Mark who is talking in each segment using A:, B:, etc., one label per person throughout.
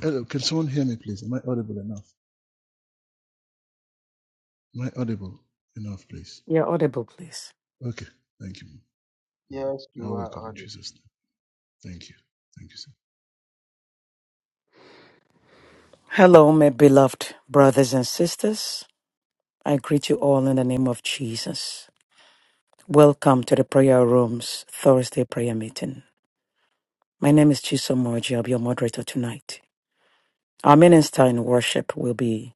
A: Hello, can someone hear me, please? Am I audible enough? Am I audible enough, please?
B: You're audible, please.
A: Okay, thank you. Mm.
C: Yes, you
A: You're
C: are
A: welcome in
C: audible.
A: Jesus' name. Thank you. Thank you, sir.
B: Hello, my beloved brothers and sisters. I greet you all in the name of Jesus. Welcome to the Prayer Room's Thursday prayer meeting. My name is Chisomoji. I'll be your moderator tonight. Our minister in worship will be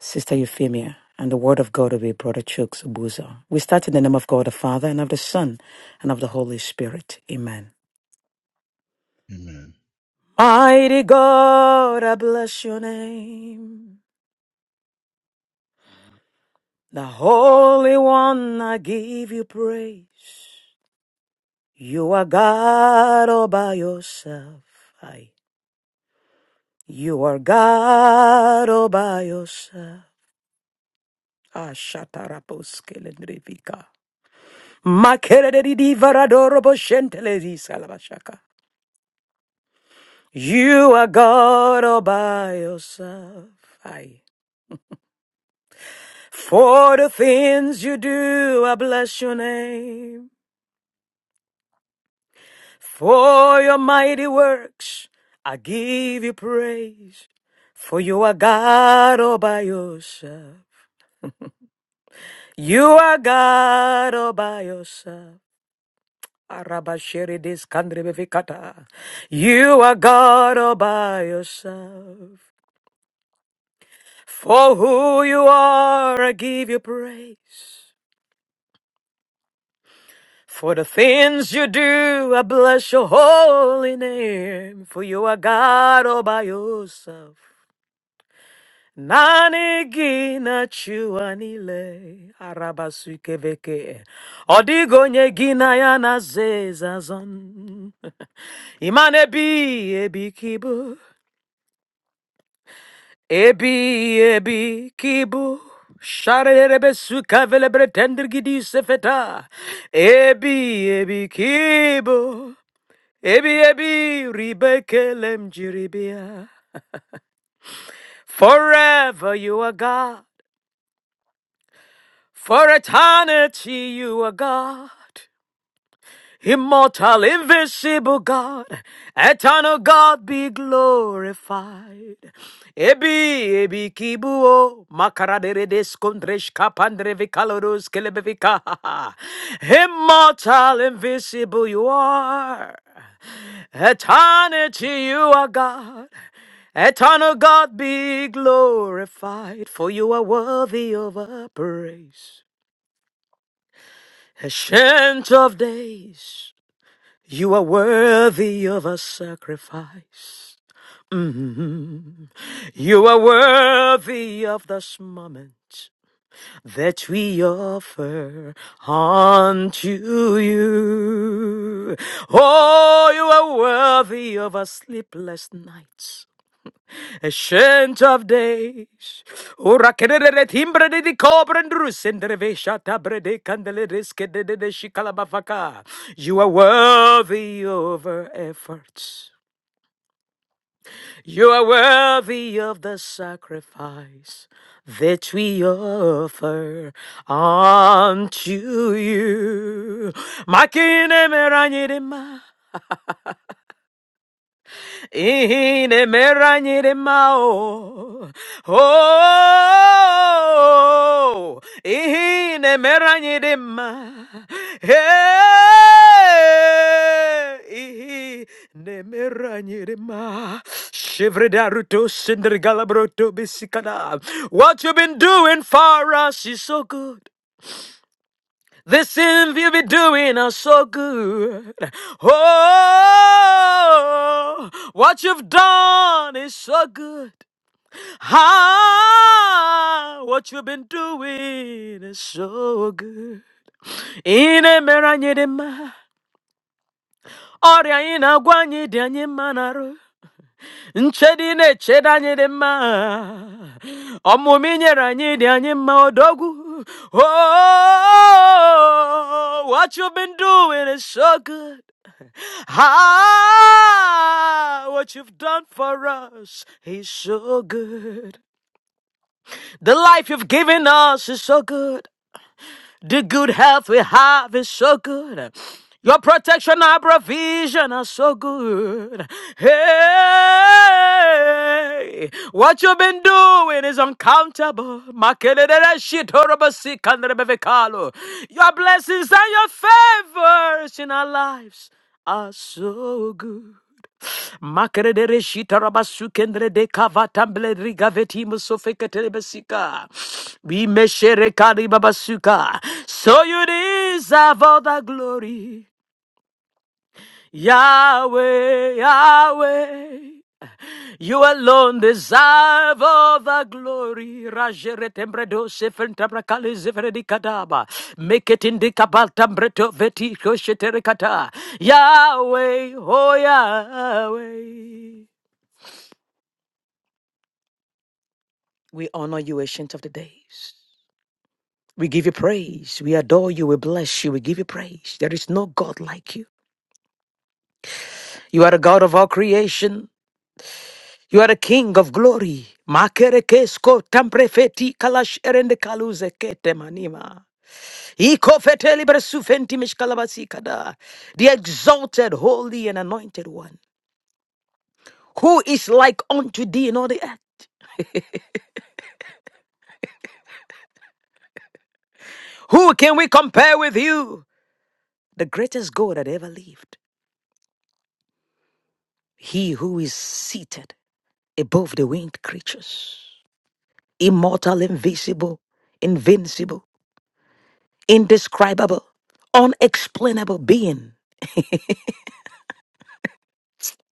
B: Sister Euphemia, and the word of God will be Brother Chuck Obuzo. We start in the name of God the Father, and of the Son, and of the Holy Spirit. Amen.
A: Amen.
B: Mighty God, I bless your name. The Holy One, I give you praise. You are God all by yourself. Aye. You are God all by yourself. Ashatarapuskelendrivika. Makerededivaradoroboshentelezisa labashaka. You are God all by yourself. Aye. For the things you do, I bless your name. For your mighty works, I give you praise. For you are God all by yourself. You are God all by yourself. Arabashiridis kandribevikata. You are God all by yourself. For who you are, I give you praise. For the things you do, I bless your holy name. For you are God all by yourself. Naanị gị na chi ụwa niile arabasụ ike bekee. Ọ dịghị onye gị na ya na-aza eze azọ. Iman ebighị ebi ka ịbụ. Ebighị ebi ka ịbụ. Sharerebe suka velebere tendirgidi sefeta. ebi ebi kibu ebi ebi ribeke kele m Forever you are God. For eternity you are God, immortal, invisible God, eternal God be glorified. Ebi, ebi kibuo, makaradere deskondresh kapandre vikalorus kelebevika. Immortal, invisible you are. Eternity you are God. Eternal God be glorified, for you are worthy of our praise. Ancient of days, you are worthy of a sacrifice. Mhm. You are worthy of this moment that we offer unto you. Oh, you are worthy of a sleepless night. Ancient of days, ora kerere timbre di di cobre ndrus ndreve shata brede candele riske de de de shikala bafaka. You are worthy of our efforts. You are worthy of the sacrifice that we offer unto you. Makine meranyirima. Ihinemeranyiremao. Oh, ihinemeranyirema. Hey, ihinemeranyirema. Shivridaruto sindrigalabroto bisikada. What you have been doing for us is so good. This sin you be doing us so good. Oh, what you've done is so good. Ah, what you've been doing is so good. Ine meranyedema, oria ina gwanyedi anyemanaru. nchedi na-echere anyị dị mma ọmụmụ i anyị dị anyị mma odogwu oh what you been doing is so good Ah, what you've done for us is so good. The life you've given us is so good. The good health we have is so good. Your protection and provision are so good. Hey, what you've been doing is uncountable. Makelelele shitorobasi kanderebevekalo. Your blessings and your favors in our lives are so good. Makerere shitarabasukendre de kavatamble rigaveti musofeketerebesika. We meshere karibabasuka. So you deserve all the glory. Yahweh, Yahweh. You alone deserve all the glory. Rajere tembredo sefen tabrakale zefredi kadaba. Make it in the kabal tambreto veti koshetere kata. Yahweh, oh Yahweh. We honor you, Ancient of the Days. We give you praise. We adore you. We bless you. We give you praise. There is no God like you. You are the God of all creation. You are the King of glory. Makerekesko tamprefeti kalash erende kaluze kete manima. Iko feteli bersufenti mishkalabasi kada. The exalted, holy, and anointed one. Who is like unto thee in all the earth? Who can we compare with you? The greatest God that ever lived. He who is seated above the winged creatures, immortal, invisible, invincible, indescribable, unexplainable being.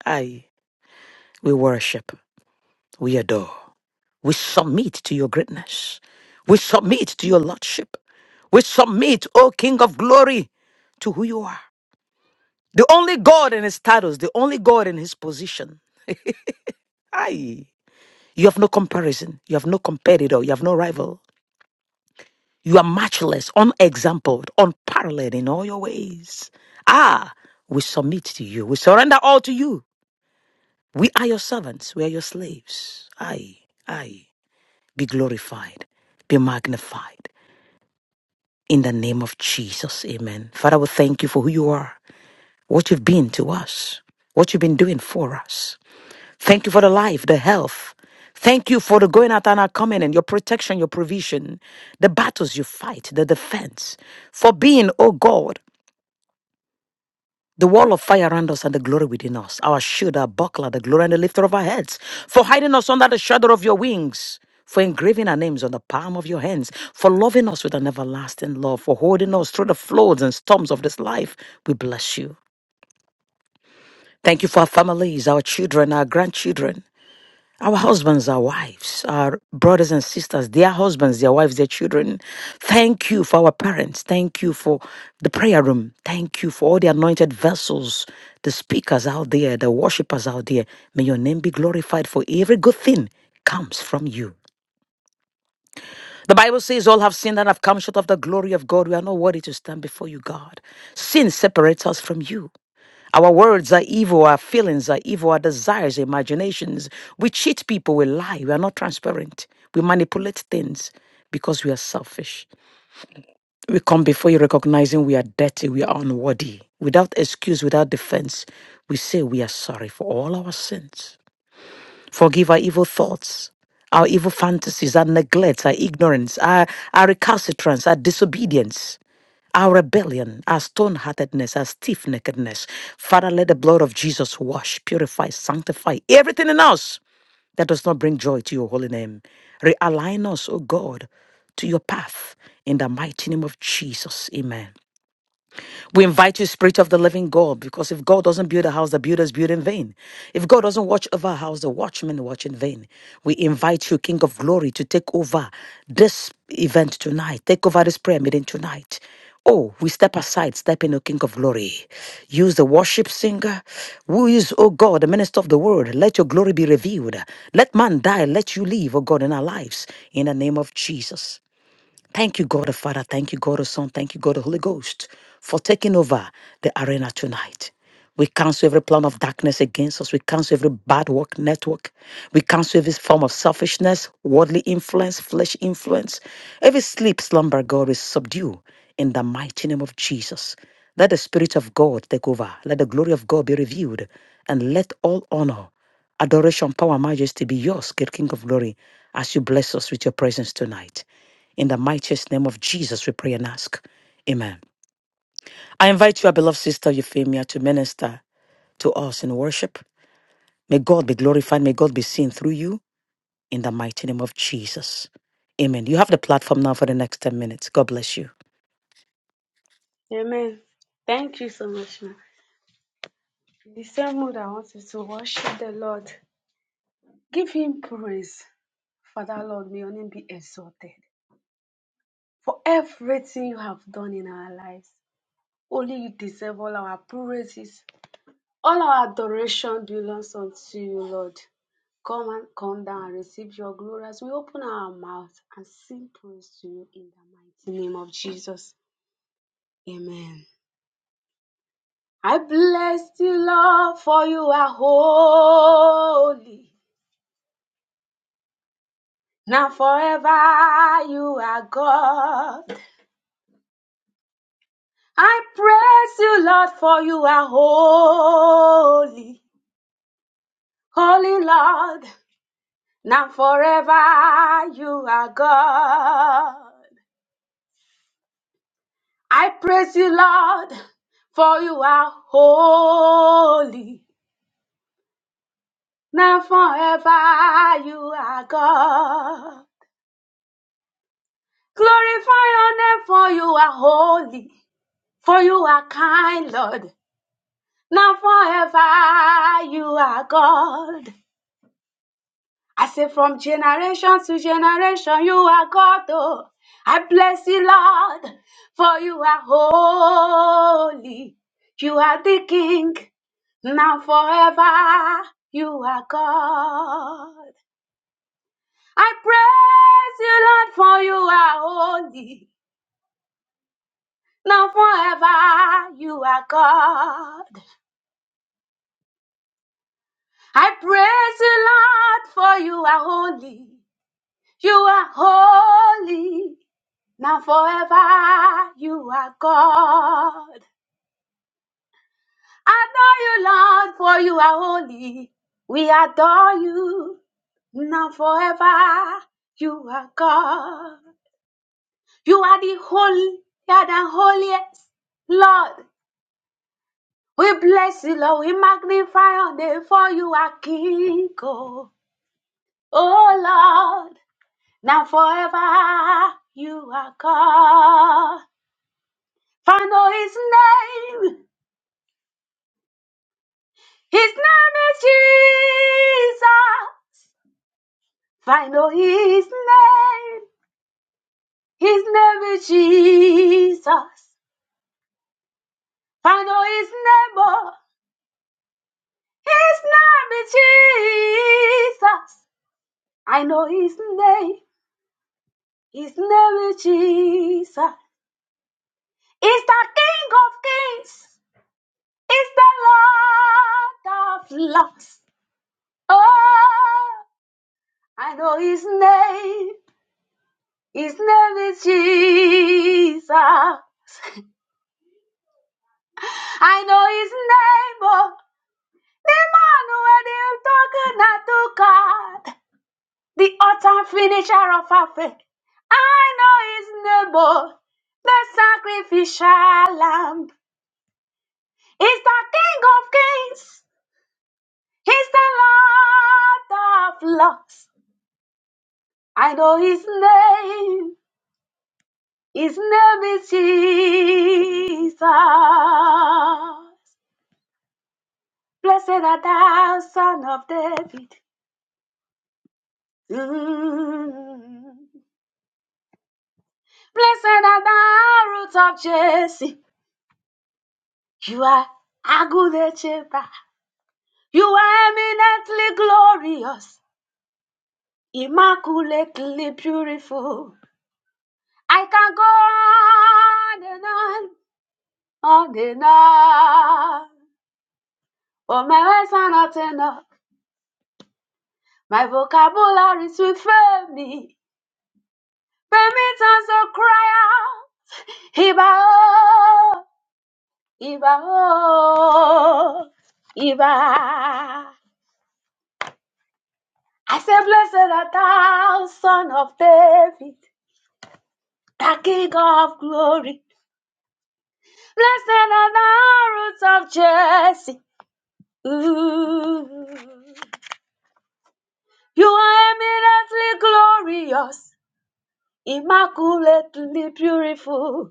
B: I, we worship, we adore, we submit to your greatness, we submit to your lordship, we submit, O King of glory, to who you are. The only God in his status, the only God in his position. Aye. You have no comparison. You have no competitor. You have no rival. You are matchless, unexampled, unparalleled in all your ways. Ah, we submit to you. We surrender all to you. We are your servants. We are your slaves. Aye, aye. Be glorified. Be magnified. In the name of Jesus. Amen. Father, we thank you for who you are, what you've been to us, what you've been doing for us. Thank you for the life, the health. Thank you for the going out and our coming and your protection, your provision, the battles you fight, the defense. For being, oh God, the wall of fire around us and the glory within us, our shield, our buckler, the glory and the lifter of our heads. For hiding us under the shadow of your wings. For engraving our names on the palm of your hands, for loving us with an everlasting love, for holding us through the floods and storms of this life, we bless you. Thank you for our families, our children, our grandchildren. Our husbands, our wives, our brothers and sisters, their husbands, their wives, their children. Thank you for our parents. Thank you for the prayer room. Thank you for all the anointed vessels, the speakers out there, the worshipers out there. May your name be glorified for every good thing comes from you. The Bible says, All have sinned and have come short of the glory of God. We are not worthy to stand before you, God. Sin separates us from you. Our words are evil, our feelings are evil, our desires, imaginations. We cheat people, we lie, we are not transparent, we manipulate things because we are selfish. We come before you recognizing we are dirty, we are unworthy. Without excuse, without defense, we say we are sorry for all our sins. Forgive our evil thoughts, our evil fantasies, our neglect, our ignorance, our, our recalcitrance, our disobedience our rebellion, our stone heartedness, our stiff neckedness. Father, let the blood of Jesus wash, purify, sanctify everything in us that does not bring joy to your holy name. Realign us, O God, to your path in the mighty name of Jesus. Amen. We invite you, Spirit of the Living God, because if God doesn't build a house, the builders build in vain. If God doesn't watch over a house, the watchmen watch in vain. We invite you, King of Glory, to take over this event tonight. Take over this prayer meeting tonight. Oh, we step aside, step in, O King of Glory. Use the worship singer. Who is, O God, the minister of the word? Let your glory be revealed. Let man die, let you live, O God, in our lives. In the name of Jesus. Thank you, God the Father. Thank you, God the Son. Thank you, God the Holy Ghost, for taking over the arena tonight. We cancel every plan of darkness against us. We cancel every bad work network. We cancel every form of selfishness, worldly influence, flesh influence. Every sleep, slumber, God is subdue in the mighty name of Jesus. Let the Spirit of God take over. Let the glory of God be revealed. And let all honor Adoration, power, majesty be yours, great King of glory, as you bless us with your presence tonight. In the mightiest name of Jesus, we pray and ask. Amen. I invite your beloved sister Euphemia to minister to us in worship. May God be glorified. May God be seen through you in the mighty name of Jesus. Amen. You have the platform now for the next 10 minutes. God bless you.
D: Amen. Thank you so much, ma. In the same mood, I want us to worship the Lord. Give Him praise. Father, Lord, may your name be exalted for everything you have done in our lives. Only you deserve all our praises. All our adoration belongs unto you, Lord. Come and come down and receive your glory as we open our mouth and sing praise to you in the mighty name of Jesus. Amen. I bless you, Lord, for you are holy. Now forever you are God. I praise you, Lord, for you are holy. Holy Lord, now forever you are God. I praise you, Lord, for you are holy. Now forever you are God. Glorify your name, for you are holy, for you are kind, Lord. Now forever you are God. I say from generation to generation you are God, oh. I bless you, Lord, for you are holy. You are the King. Now forever you are God. I praise you, Lord, for you are holy. now forever you are God. I praise you, Lord, for you are holy. You are holy. Now forever you are God. Adore you, Lord, for you are holy. We adore you. Now forever you are God. You are the holy, you are the holiest, Lord. We bless you, Lord. We magnify your name, for you are King. oh. Oh Lord, now forever you are God. For I know his name. His name is Jesus. For I know his name. His name is Jesus. For I know his name. oh. His name is Jesus. I know his name. His name is Jesus. He's the King of Kings. It's the Lord of Lords. Oh, I know his name. His name is Jesus. I know his name. Oh, the man who had him talking to God, the author and finisher of our faith. I know his name. Oh, the sacrificial lamb. He's the King of kings. He's the Lord of lords. I know his name. His name is Jesus. Blessed art thou, son of David. Mm. Blessed art thou, root of Jesse. You are a good shepherd. You are eminently glorious, immaculately beautiful. I can go on and on, on and on. Oh, my words are not enough. My vocabulary's with Femi. Femi turns to cry out. Iba oh, Iba oh, Iba. I say, blessed art thou, son of David, the king of glory. Blessed are thou, roots of Jesse. Ooh. You are eminently glorious, immaculately beautiful.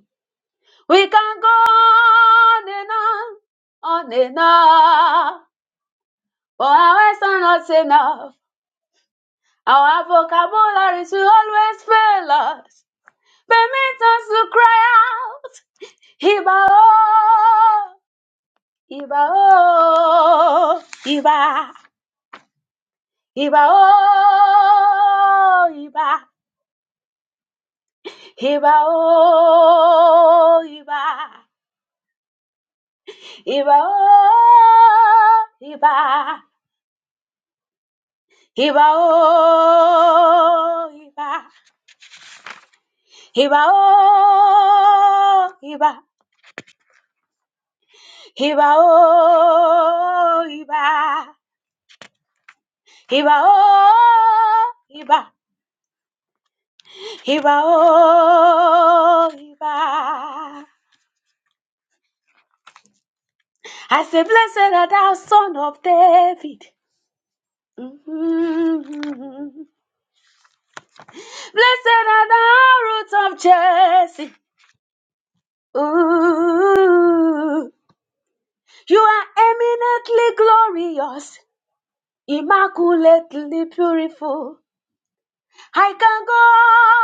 D: We can go on and on, on and on. For our words are not enough. Our vocabularies will always fail us. Permit us to cry out, Iba oh, Iba oh, Iba, Iba oh, Iba, Iba oh, Iba, Iba oh, Iba. Iba o iba, iba o iba, iba o iba, iba o iba, iba oh, iba. I say, blessed are thou, son of David. Mhm. Blessed are thou, root of Jesse. Ooh, you are eminently glorious. immaculately beautiful. I can go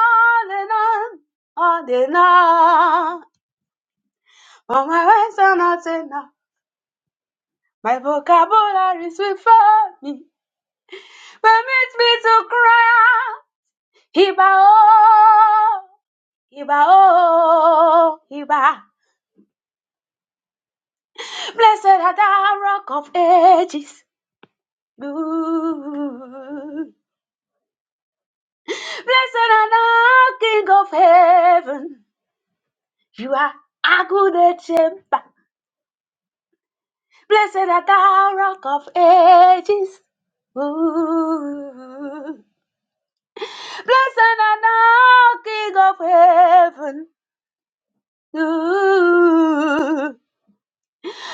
D: on and on, on and on. But my words are not enough. My vocabulary is with me. Permit me to cry out. Iba oh, Iba oh, Iba. Blessed are thou, rock of ages. Ooh. Blessed are thou, King of heaven. You are a good shepherd. Blessed art thou, rock of ages. Ooh. Blessed art thou, King of heaven. Ooh.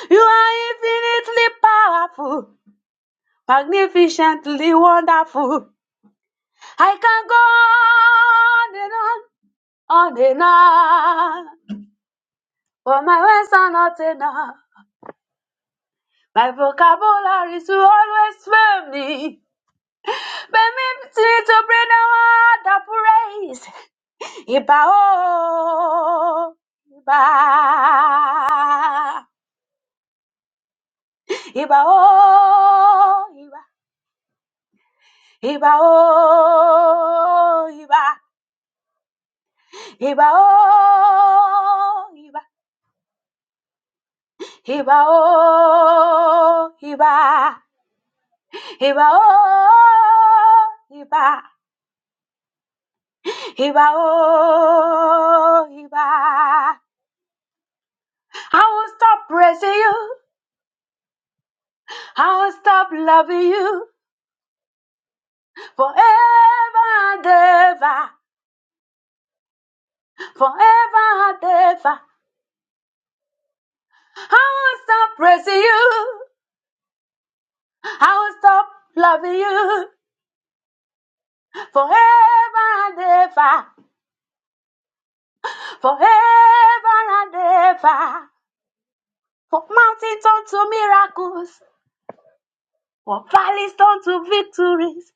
D: You are infinitely powerful, magnificently wonderful. I can go on and on, on and on, but my words are not enough. My vocabulary is to always fail me. Permit me to bring a word of praise. Iba o, iba, iba o, iba, iba o, iba, iba o, iba, iba o, iba, iba o, iba, iba o, iba. I will stop praising you. I will stop loving you forever and ever. forever and ever. I will stop praising you. I will stop loving you forever and ever. Forever and ever. For mountains turn to miracles, for valleys turn to victories.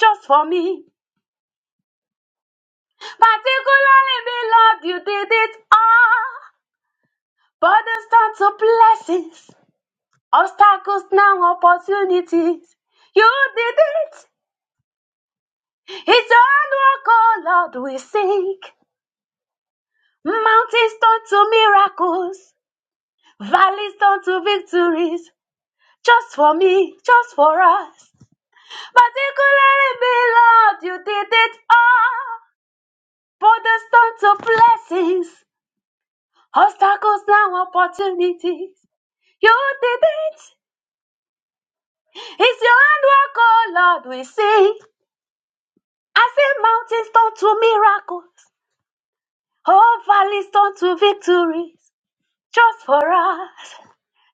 D: Just for me, particularly me, Lord, you did it all. Burdens turn to blessings, obstacles now opportunities. You did it. It's on walk, oh Lord, we sing. Mountains turn to miracles, valleys turn to victories. Just for me, just for us. Particularly me, Lord, you did it all. For the stone to blessings, obstacles now opportunities. You did it. It's your handwork, oh Lord, we sing. I say mountains turn to miracles, oh valleys turn to victories. Just for us.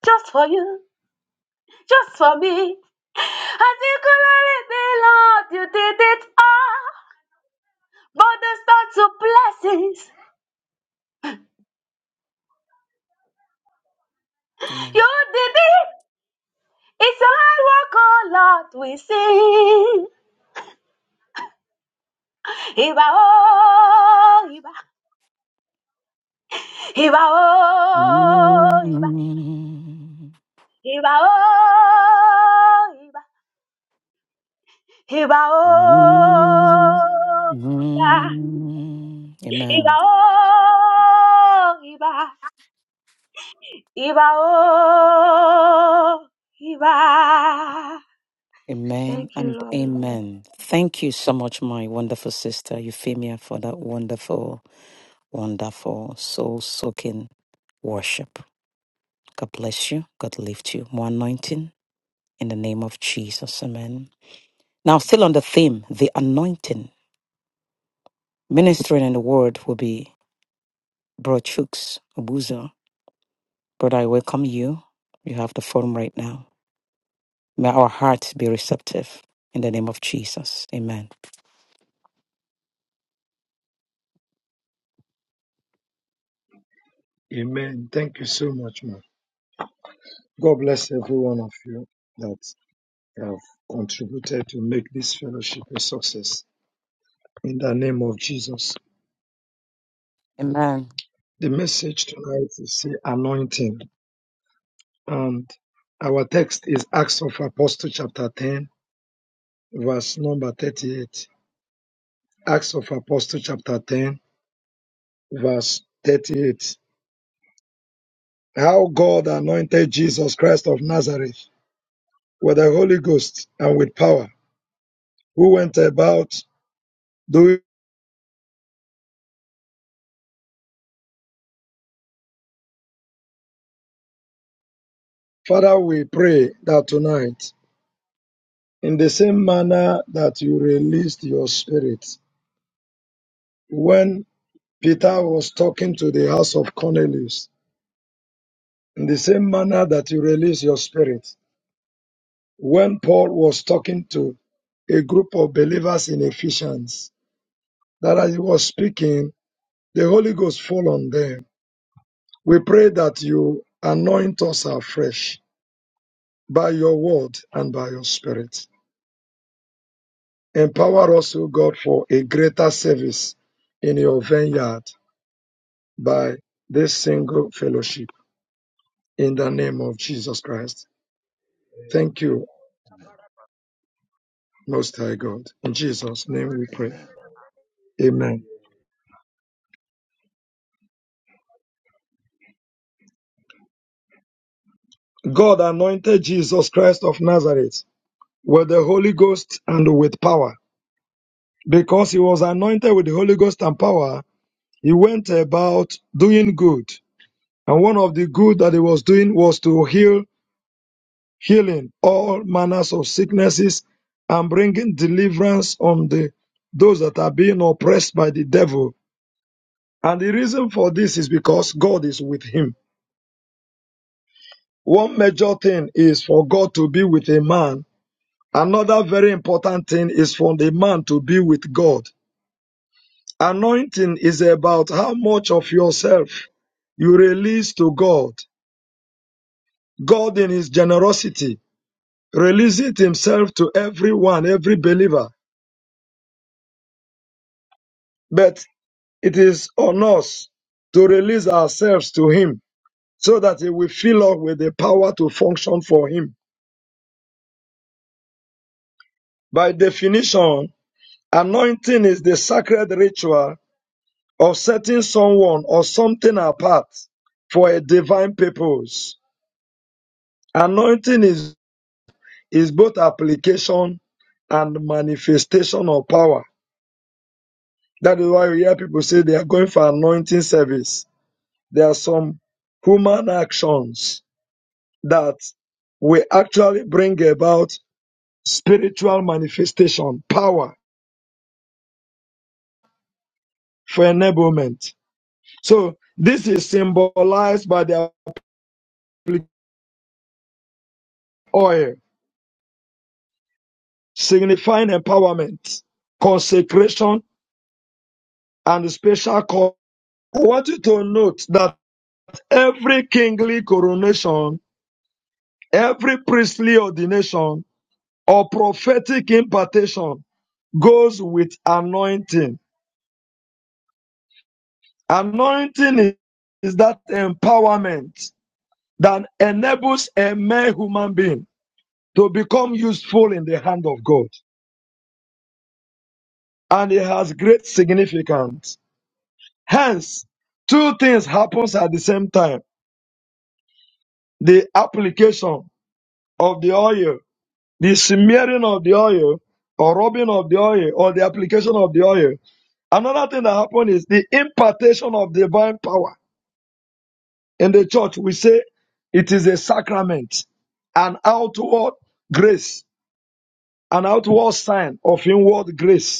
D: just for you, just for me. And you could let it Lord. You did it all. But the start to blessings.
B: Amen.
D: You did it. It's a hard work, oh Lord. We sing. Iba oh, Iba. Iba oh, Iba. Iba oh, Iba. Iba oh, Iba.
B: Amen.
D: Iba oh, Iba. Iba, oh, Iba.
B: Amen
D: Thank you,
B: and
D: Lord.
B: amen. Thank you so much, my wonderful sister Euphemia, for that wonderful, wonderful, soul soaking worship. God bless you. God lift you. More anointing in the name of Jesus. Amen. Now, still on the theme, the anointing. Ministering in the word will be Bro Chooks Obuzo. Brother, I welcome you. You have the forum right now. May our hearts be receptive in the name of Jesus. Amen.
E: Amen. Thank you so much, man. God bless every one of you that have contributed to make this fellowship a success. In the name of Jesus.
B: Amen.
E: The message tonight is the anointing. And our text is Acts of Apostle chapter 10, verse number 38. Acts of Apostle chapter 10, verse 38. How God anointed Jesus Christ of Nazareth with the Holy Ghost and with power, who went about doing Father, we pray that tonight, in the same manner that you released your spirit when Peter was talking to the house of Cornelius, in the same manner that you released your spirit when Paul was talking to a group of believers in Ephesians, that as he was speaking, the Holy Ghost fall on them. We pray that you anoint us afresh by your word and by your spirit. Empower us, O God, for a greater service in your vineyard by this single fellowship in the name of Jesus Christ. Thank you, Most High God. In Jesus' name we pray.
A: Amen.
E: Amen. God anointed Jesus Christ of Nazareth with the Holy Ghost and with power. Because he was anointed with the Holy Ghost and power, he went about doing good. And one of the good that he was doing was to heal healing all manners of sicknesses and bringing deliverance on the those that are being oppressed by the devil. And the reason for this is because God is with him. One major thing is for God to be with a man. Another very important thing is for the man to be with God. Anointing is about how much of yourself you release to God. God in his generosity releases himself to everyone, every believer. But It is on us to release ourselves to Him so that He will fill us with the power to function for Him. By definition, anointing is the sacred ritual of setting someone or something apart for a divine purpose. Anointing is, is both application and manifestation of power. That is why we hear people say they are going for anointing service. There are some human actions that will actually bring about spiritual manifestation, power for enablement. So this is symbolized by the oil, signifying empowerment, consecration, and special call. I want you to note that every kingly coronation, every priestly ordination, or prophetic impartation goes with anointing. Anointing is is that empowerment that enables a mere human being to become useful in the hand of God. And it has great significance. Hence, two things happens at the same time. The application of the oil, the smearing of the oil, or rubbing of the oil, or the application of the oil. Another thing that happens is the impartation of divine power. In the church, we say it is a sacrament, an outward grace, an outward sign of inward grace.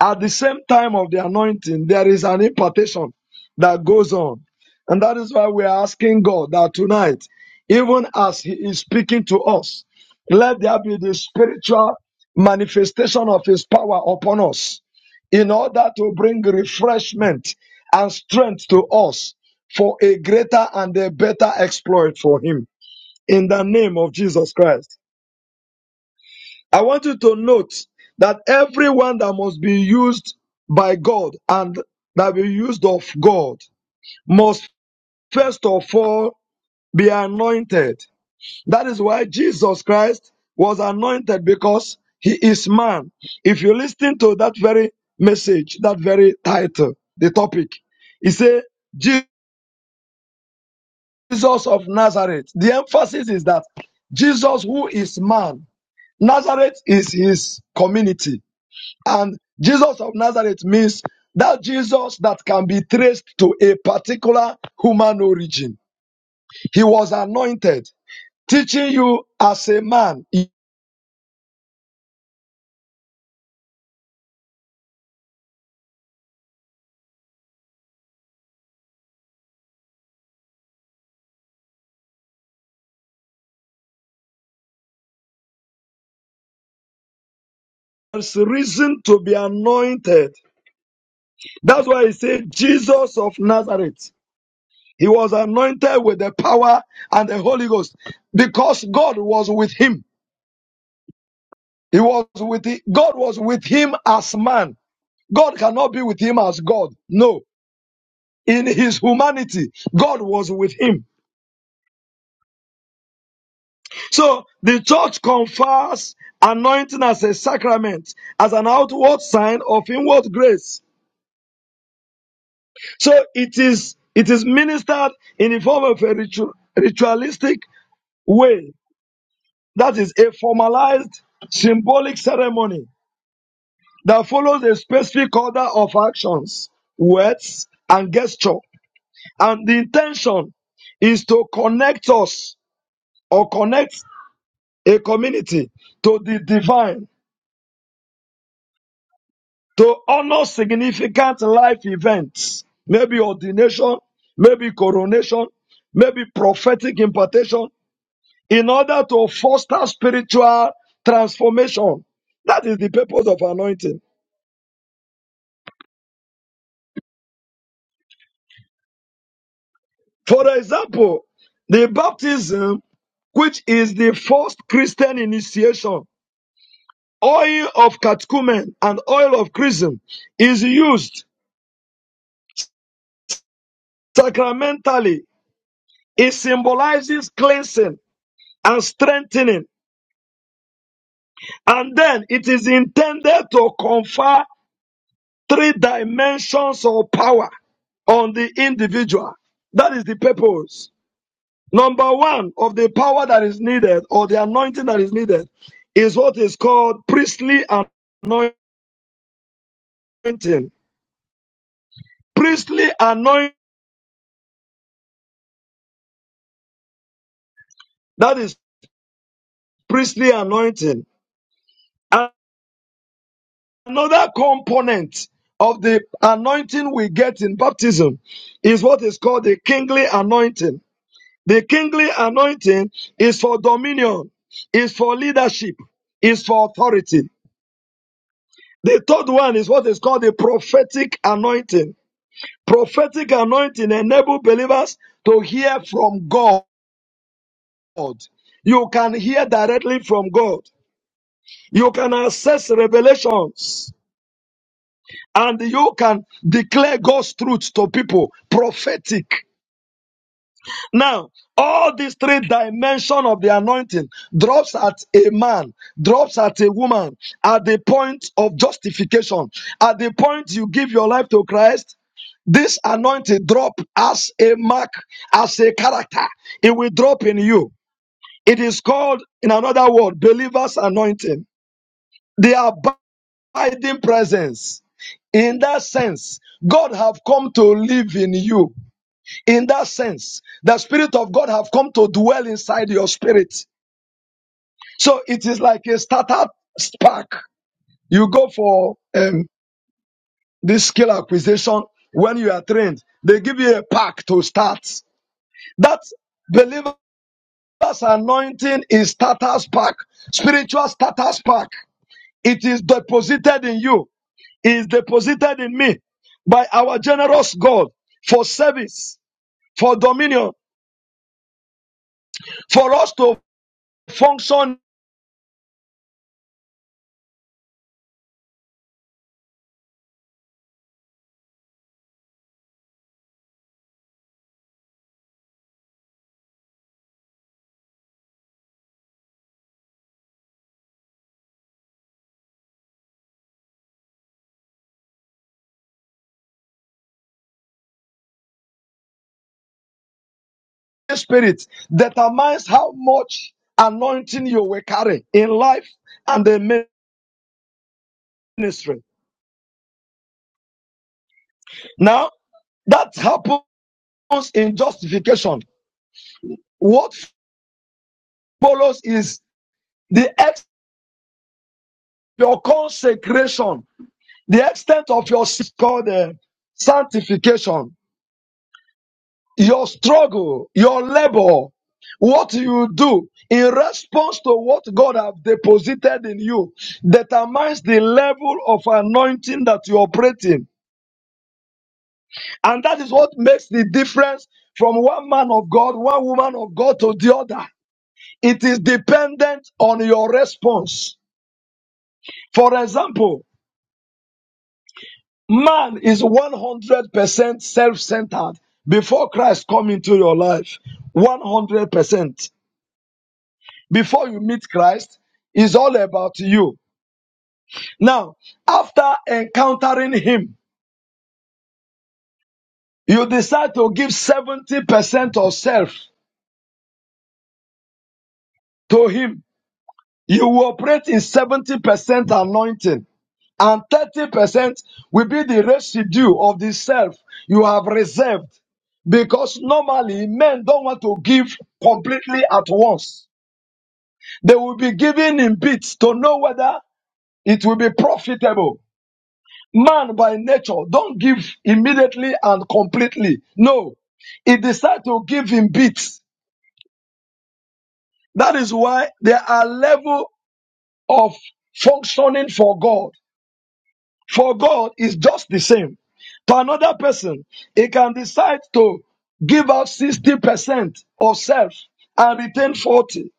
E: At the same time of the anointing, there is an impartation that goes on. And that is why we are asking God that tonight, even as He is speaking to us, let there be the spiritual manifestation of His power upon us in order to bring refreshment and strength to us for a greater and a better exploit for Him. In the name of Jesus Christ. I want you to note that everyone that must be used by God and that be used of God must first of all be anointed. That is why Jesus Christ was anointed because he is man. If you listen to that very message, that very title, the topic, he said, Jesus of Nazareth. The emphasis is that Jesus, who is man, Nazareth is his community. And Jesus of Nazareth means that Jesus that can be traced to a particular human origin. He was anointed, teaching you as a man. There's reason to be anointed. That's why he said Jesus of Nazareth. He was anointed with the power and the Holy Ghost because God was with him. He was with the, God was with him as man. God cannot be with him as God. No, in his humanity, God was with him. So the church confers anointing as a sacrament, as an outward sign of inward grace. So it is it is ministered in the form of a ritu- ritualistic way, that is a formalized symbolic ceremony that follows a specific order of actions, words, and gesture. And the intention is to connect us or connect a community to the divine to honor significant life events, maybe ordination, maybe coronation, maybe prophetic impartation, in order to foster spiritual transformation. That is the purpose of anointing. For example, the baptism, which is the first Christian initiation, oil of catechumen and oil of chrism is used sacramentally. It symbolizes cleansing and strengthening And then it is intended to confer three dimensions of power on the individual. That is the purpose. Number one of the power that is needed or the anointing that is needed is what is called priestly anointing. Priestly anointing, that is priestly anointing. Another component of the anointing we get in baptism is what is called the kingly anointing. The kingly anointing is for dominion, is for leadership, is for authority. The third one is what is called the prophetic anointing. Prophetic anointing enables believers to hear from God. You can hear directly from God. You can access revelations and you can declare God's truth to people. Prophetic. Now, all these three dimensions of the anointing drops at a man, drops at a woman, at the point of justification, at the point you give your life to Christ. This anointing drop as a mark, as a character. It will drop in you. It is called, in another word, believer's anointing. The abiding presence. In that sense, God have come to live in you in that sense the spirit of god have come to dwell inside your spirit so it is like a startup spark you go for um, this skill acquisition when you are trained they give you a pack to start that believer's anointing is starter spark spiritual starter spark it is deposited in you it is deposited in me by our generous god for service for dominion for us to function spirit determines how much anointing you will carry in life and the ministry. Now, that happens in justification. What follows is the ex- your consecration, the extent of your called uh, sanctification, your struggle, your labor, what you do in response to what God has deposited in you determines the level of anointing that you operate in. And that is what makes the difference from one man of God, one woman of God to the other. It is dependent on your response. For example, man is 100% self centered before Christ come into your life. 100%. Before you meet Christ, is all about you. Now, after encountering Him, you decide to give 70% of self to Him You will operate in 70% anointing, and 30% will be the residue of the self you have reserved. Because normally men don't want to give completely at once. They will be giving in bits to know whether it will be profitable. Man by nature don't give immediately and completely. No, he decides to give in bits. That is why there are level of functioning for God. for God is just the same. To another person, he can decide to give out 60% of self and retain 40.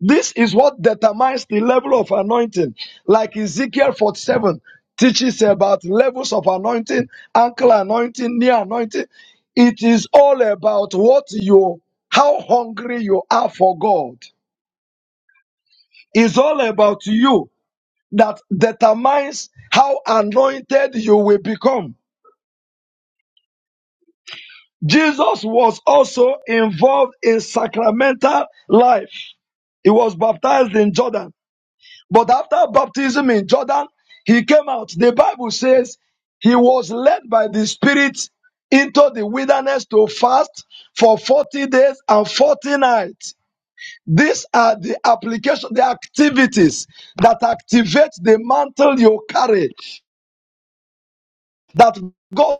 E: This is what determines the level of anointing. Like Ezekiel 47 teaches about levels of anointing, ankle anointing, knee anointing. It is all about what you, how hungry you are for God. It's all about you that determines how anointed you will become Jesus was also involved in sacramental life. He was baptized in Jordan. But after baptism in Jordan, he came out. The Bible says he was led by the Spirit into the wilderness to fast for 40 days and 40 nights. These are the application, the activities that activate the mantle you carry. That God,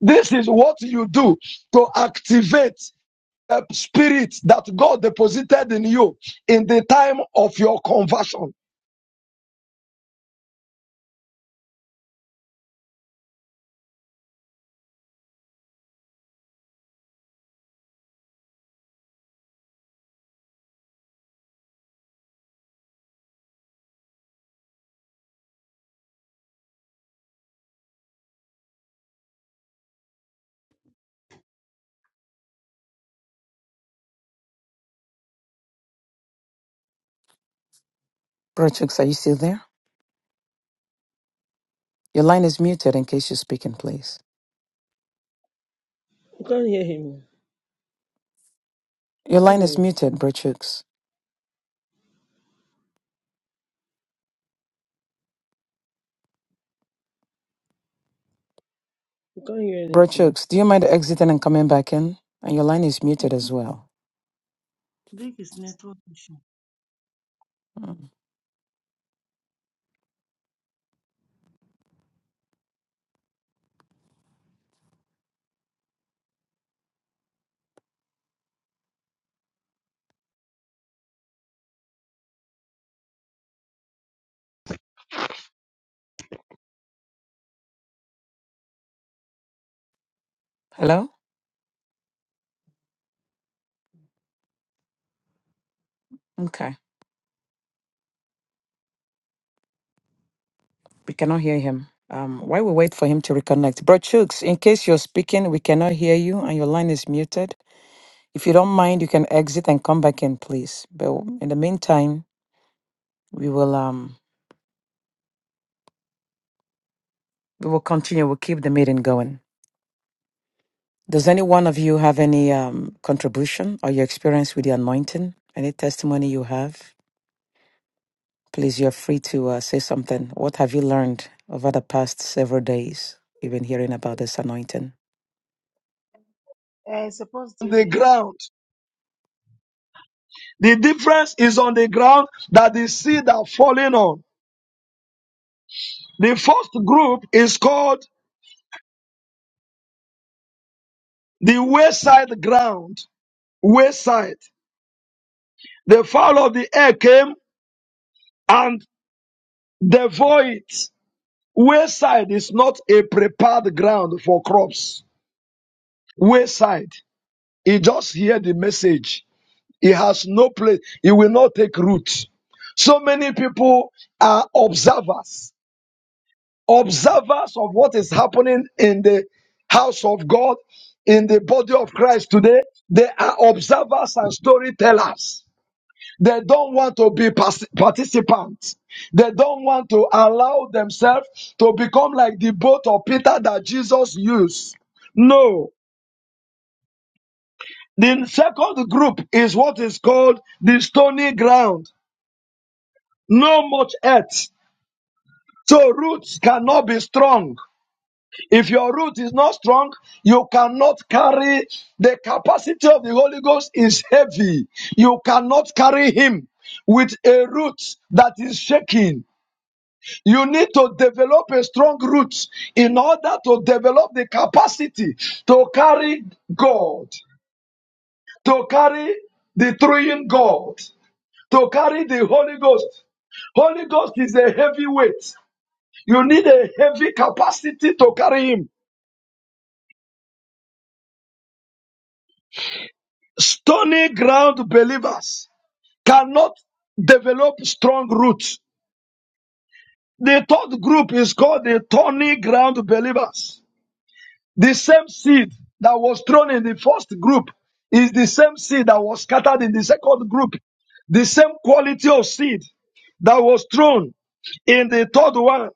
E: this is what you do to activate. uh, spirit that God deposited in you in the time of your conversion
B: Bro Chooks, are you still there? Your line is muted in case you're speaking, please.
F: You can't hear him. You
B: Your
F: can't
B: line is
F: hear.
B: muted, Brochukes.
F: You can't hear anything.
B: Brochukes, do you mind exiting and coming back in? And your line is muted as well. Mm. Hello? Okay. We cannot hear him. Um, while we wait for him to reconnect, Brochukes, in case you're speaking, we cannot hear you and your line is muted. If you don't mind, you can exit and come back in, please. But in the meantime, we will um we will continue. We'll keep the meeting going. Does any one of you have any um, contribution or your experience with the anointing? Any testimony you have? Please, you're free to uh, say something. What have you learned over the past several days? even hearing about this anointing.
G: I suppose
E: on the
G: did
E: ground. The difference is on the ground that the seed are falling on. The first group is called the wayside ground. Wayside. The fowl of the air came and devoured. it. Wayside is not a prepared ground for crops. Wayside. He just hear the message It has no place. It will not take root. So many people are observers, observers of what is happening in the house of God, in the body of Christ today. They are observers and storytellers. They don't want to be pas- participants. They don't want to allow themselves to become like the boat of Peter that Jesus used. No. The second group is what is called the stony ground. no much earth. So roots cannot be strong. If your root is not strong, you cannot carry the capacity of the Holy Ghost is heavy. You cannot carry him with a root that is shaking. You need to develop a strong root in order to develop the capacity to carry God, to carry the three in God, to carry the Holy Ghost. Holy Ghost is a heavy weight. You need a heavy capacity to carry him. Stony ground believers cannot develop strong roots. The third group is called the thorny ground believers. The same seed that was thrown in the first group is the same seed that was scattered in the second group. The same quality of seed that was thrown in the third one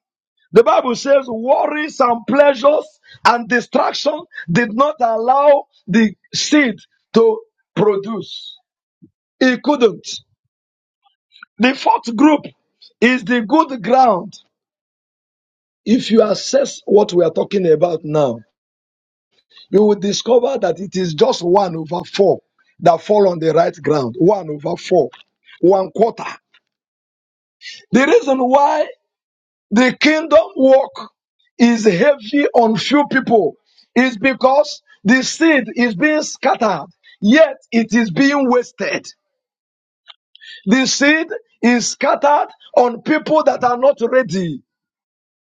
E: The Bible says worries and pleasures and distraction did not allow the seed to produce. It couldn't. The fourth group is the good ground. If you assess what we are talking about now, you will discover that it is just one over four that fall on the right ground. One over four. One quarter. The reason why The kingdom work is heavy on few people. It's because the seed is being scattered, yet it is being wasted. The seed is scattered on people that are not ready,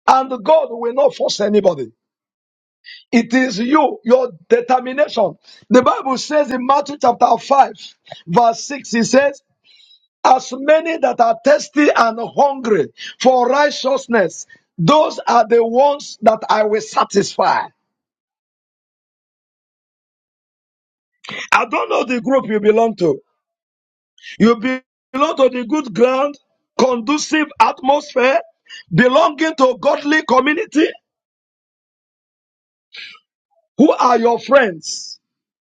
E: and God will not force anybody. It is you, your determination. The Bible says in Matthew chapter 5, verse 6, it says, as many that are thirsty and hungry for righteousness, those are the ones that I will satisfy. I don't know the group you belong to. You be- belong to the good ground, conducive atmosphere, belonging to godly community. Who are your friends?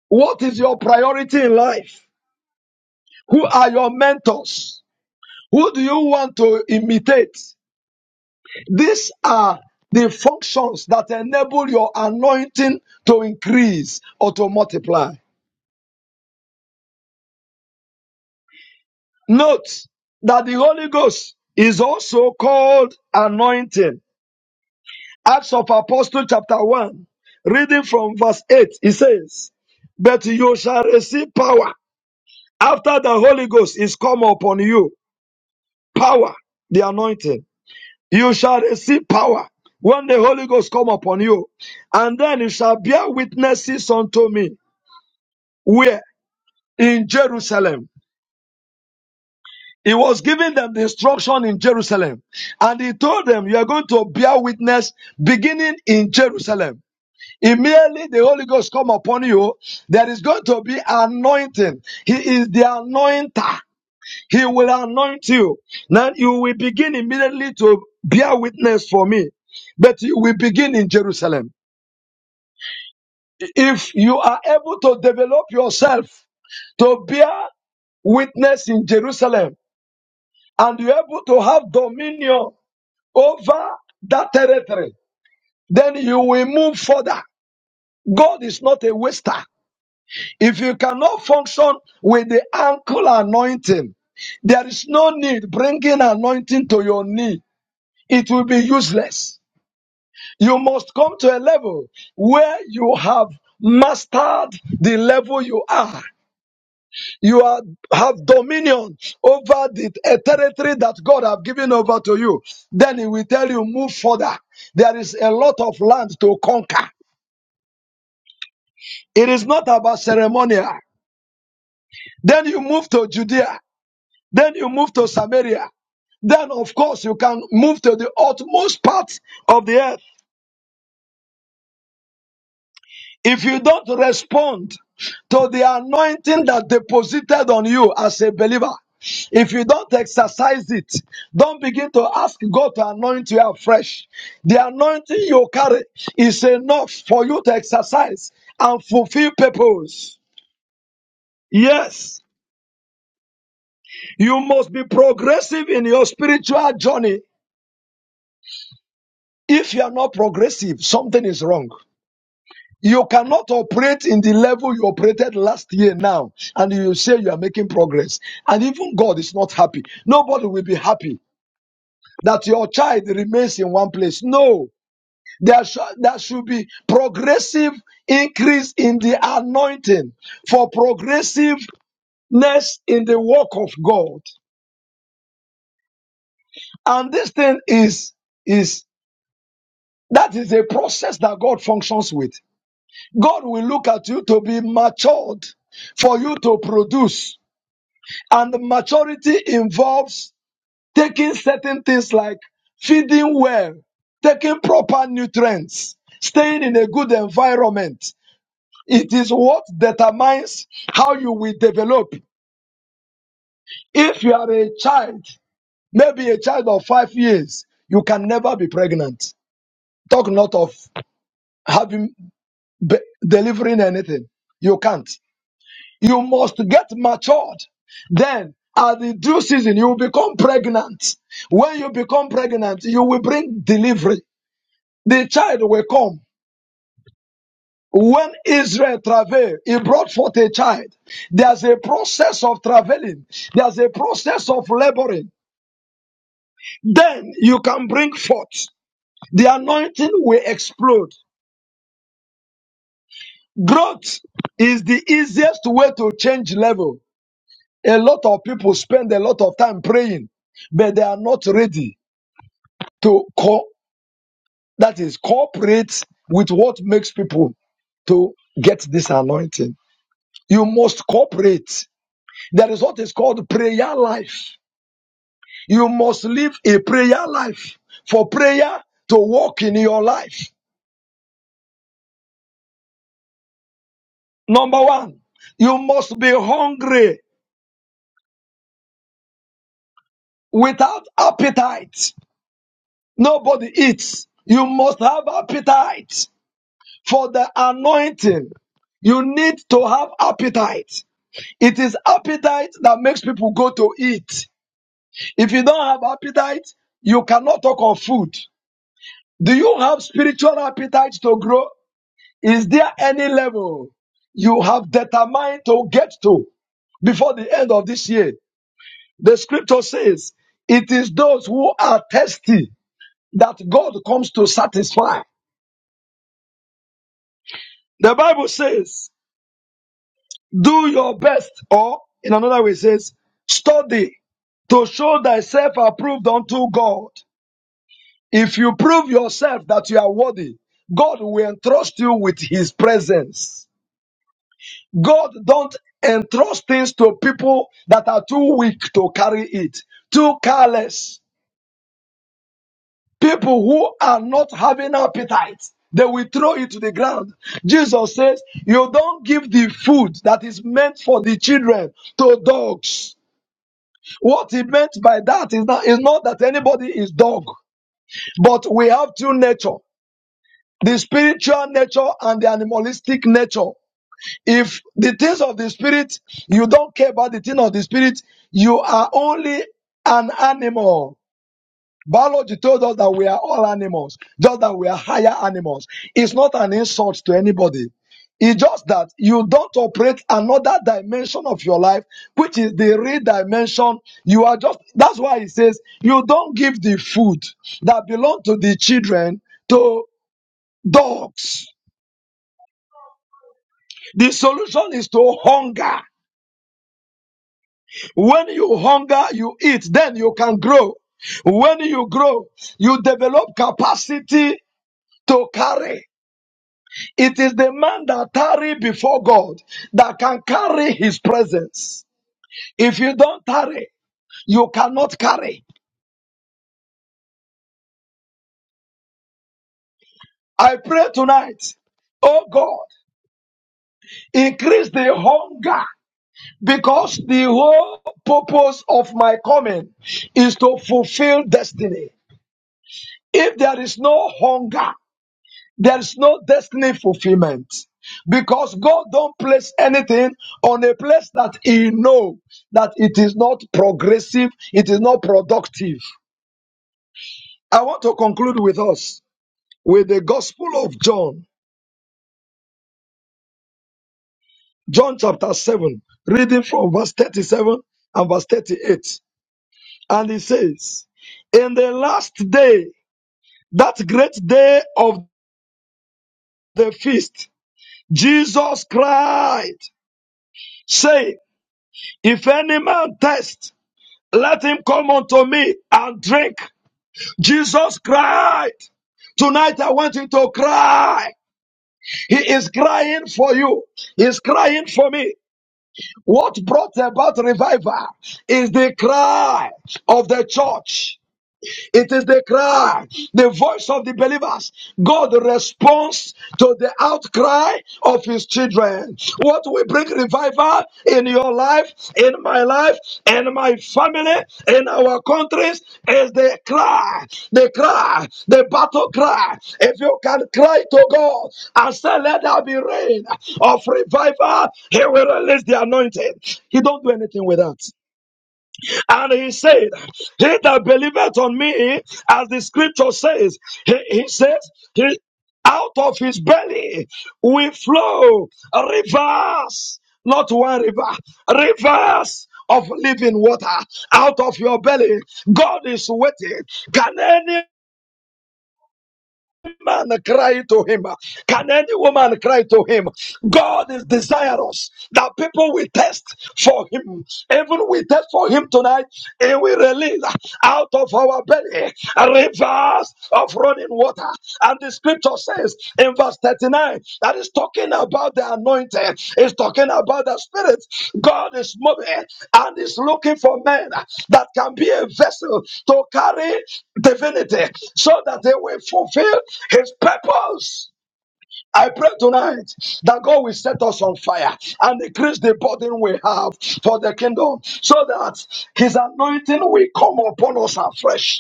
E: What is your priority in life? Who are your mentors? Who do you want to imitate? These are the functions that enable your anointing to increase or to multiply. Note that the Holy Ghost is also called anointing. Acts of Apostle chapter 1, reading from verse 8, it says, But you shall receive power after the Holy Ghost is come upon you. Power, the anointing. You shall receive power when the Holy Ghost come upon you, and then you shall bear witnesses unto me Where? In Jerusalem. He was giving them the instruction in Jerusalem. And he told them, you are going to bear witness beginning in Jerusalem. Immediately the Holy Ghost come upon you, there is going to be anointing. He is the anointer. He will anoint you. Now you will begin immediately to bear witness for me. But you will begin in Jerusalem. If you are able to develop yourself to bear witness in Jerusalem. and you're able to have dominion over that territory, then you will move further. God is not a waster. If you cannot function with the ankle anointing, there is no need bringing anointing to your knee. It will be useless. You must come to a level where you have mastered the level you are. You are, have dominion over the a territory that God have given over to you. Then he will tell you, move further. There is a lot of land to conquer. It is not about ceremonial. Then you move to Judea. Then you move to Samaria. Then of course you can move to the utmost part of the earth. If you don't respond to the anointing that deposited on you as a believer, if you don't exercise it, don't begin to ask God to anoint you afresh. The anointing you carry is enough for you to exercise and fulfill purpose. Yes, you must be progressive in your spiritual journey. If you are not progressive, something is wrong. You cannot operate in the level you operated last year now, and you say you are making progress. And even God is not happy. Nobody will be happy that your child remains in one place. No, there, sh- there should be progressive increase in the anointing for progressiveness in the work of God. And this thing is, is that is a process that God functions with. God will look at you to be matured for you to produce. And maturity involves taking certain things like feeding well, taking proper nutrients, staying in a good environment. It is what determines how you will develop. If you are a child, maybe a child of five years, you can never be pregnant. Talk not of having be- delivering anything. You can't. You must get matured. Then, at the due season, you will become pregnant. When you become pregnant, you will bring delivery. The child will come. When Israel travailed, he brought forth a child. There's a process of traveling. There's a process of laboring. Then you can bring forth. The anointing will explode. Growth is the easiest way to change level. A lot of people spend a lot of time praying, but they are not ready. to co- that is cooperate with what makes people to get this anointing. You must cooperate. There is what is called prayer life. You must live a prayer life for prayer to work in your life. Number one, you must be hungry without appetite. Nobody eats. You must have appetite for the anointing. You need to have appetite. It is appetite that makes people go to eat. If you don't have appetite, you cannot talk of food. Do you have spiritual appetite to grow? Is there any level you have determined to get to before the end of this year? The scripture says, It is those who are thirsty that God comes to satisfy. The Bible says, Do your best, or in another way, says, Study to show thyself approved unto God If you prove yourself that you are worthy, God will entrust you with his presence. God don't entrust things to people that are too weak to carry it, too careless. People who are not having appetite, they will throw it to the ground. Jesus says, you don't give the food that is meant for the children to dogs. What he meant by that is not, is not that anybody is dog, but we have two nature. the spiritual nature and the animalistic nature. If the things of the spirit, you don't care about the thing of the spirit, you are only an animal. Biology told us that we are all animals, just that we are higher animals. It's not an insult to anybody. It's just that you don't operate another dimension of your life, which is the real dimension. You are just, that's why it says, you don't give the food that belong to the children to dogs The solution is to hunger. When you hunger, you eat, then you can grow. When you grow, you develop capacity to carry. It is the man that tarry before God that can carry his presence. If you don't tarry, you cannot carry. I pray tonight, oh God, increase the hunger because the whole purpose of my coming is to fulfill destiny. If there is no hunger, there is no destiny fulfillment. Because God don't place anything on a place that He know that it is not progressive, it is not productive. I want to conclude with us with the Gospel of John, John chapter 7, reading from verse 37 and verse 38. And he says, In the last day, that great day of the feast, Jesus cried, saying," If any man thirst, let him come unto me and drink. Jesus cried. Tonight I want you to cry. He is crying for you. He is crying for me. What brought about revival is the cry of the church. It is the cry, the voice of the believers. God responds to the outcry of his children. What will bring revival in your life, in my life, in my family, in our countries is the cry, the cry, the battle cry. If you can cry to God and say, Let there be rain of revival, He will release the anointing. He don't do anything with that. And he said, He that believeth on me, as the scripture says, he, he says, he, out of his belly will flow rivers, not one river, rivers of living water out of your belly. God is waiting. Can any man cry to him? Can any woman cry to him? God is desirous that people will test for him. Even we test for him tonight, he will release out of our belly rivers of running water. And the scripture says in verse 39 that is talking about the anointed, it's talking about the spirit. God is moving and is looking for men that can be a vessel to carry divinity so that they will fulfill his purpose. I pray tonight that God will set us on fire and increase the burden we have for the kingdom so that his anointing will come upon us afresh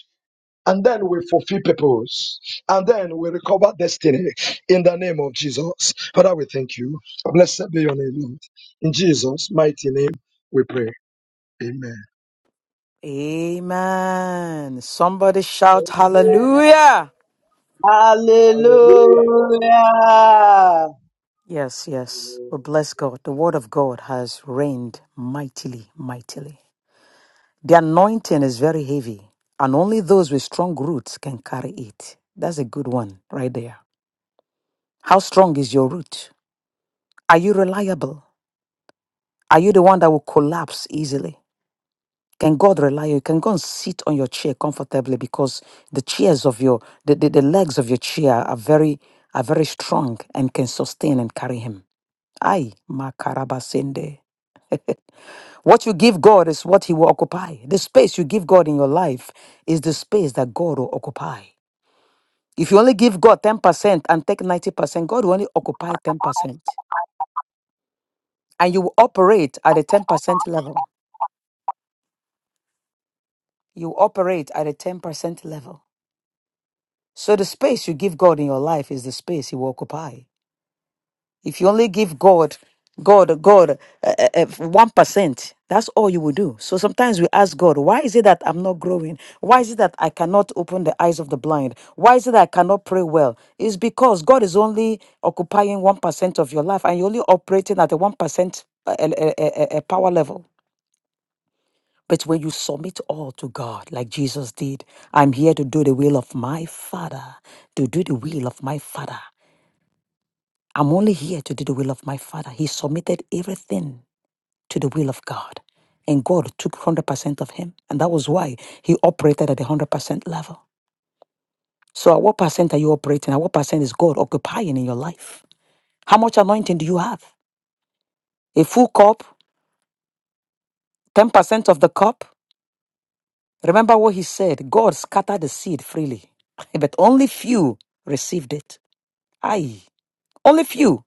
E: and then we fulfill purpose, and then we recover destiny in the name of Jesus. Father, we thank you. Blessed be your name, Lord. In Jesus' mighty name, we pray. Amen.
B: Amen. Somebody shout hallelujah.
H: Hallelujah.
I: Hallelujah.
B: Yes, yes. We bless God. The word of God has reigned mightily, mightily. The anointing is very heavy, and only those with strong roots can carry it. That's a good one right there. How strong is your root? Are you reliable? Are you the one that will collapse easily? Can God rely on you? Can go and sit on your chair comfortably because the chairs of your the, the, the legs of your chair are very are very strong and can sustain and carry him. Ay, makarabasende. What you give God is what He will occupy. The space you give God in your life is the space that God will occupy. If you only give God 10% and take 90%, God will only occupy 10%. And you will operate at a 10% level. You will operate at a 10% level. So the space you give God in your life is the space He will occupy. If you only give God, God, God, eh, eh, eh, one percent, that's all you will do. So sometimes we ask God, why is it that I'm not growing? Why is it that I cannot open the eyes of the blind? Why is it that I cannot pray well? It's because God is only occupying one percent of your life, and you're only operating at the one percent uh, uh, uh, uh, uh, power level. But when you submit all to God, like Jesus did, I'm here to do the will of my Father, to do the will of my Father. I'm only here to do the will of my Father. He submitted everything to the will of God. And God took 100% of him. And that was why he operated at the 100% level. So, at what percent are you operating? At what percent is God occupying in your life? How much anointing do you have? A full cup? 10% of the cup? Remember what he said God scattered the seed freely, but only few received it. Aye, only few.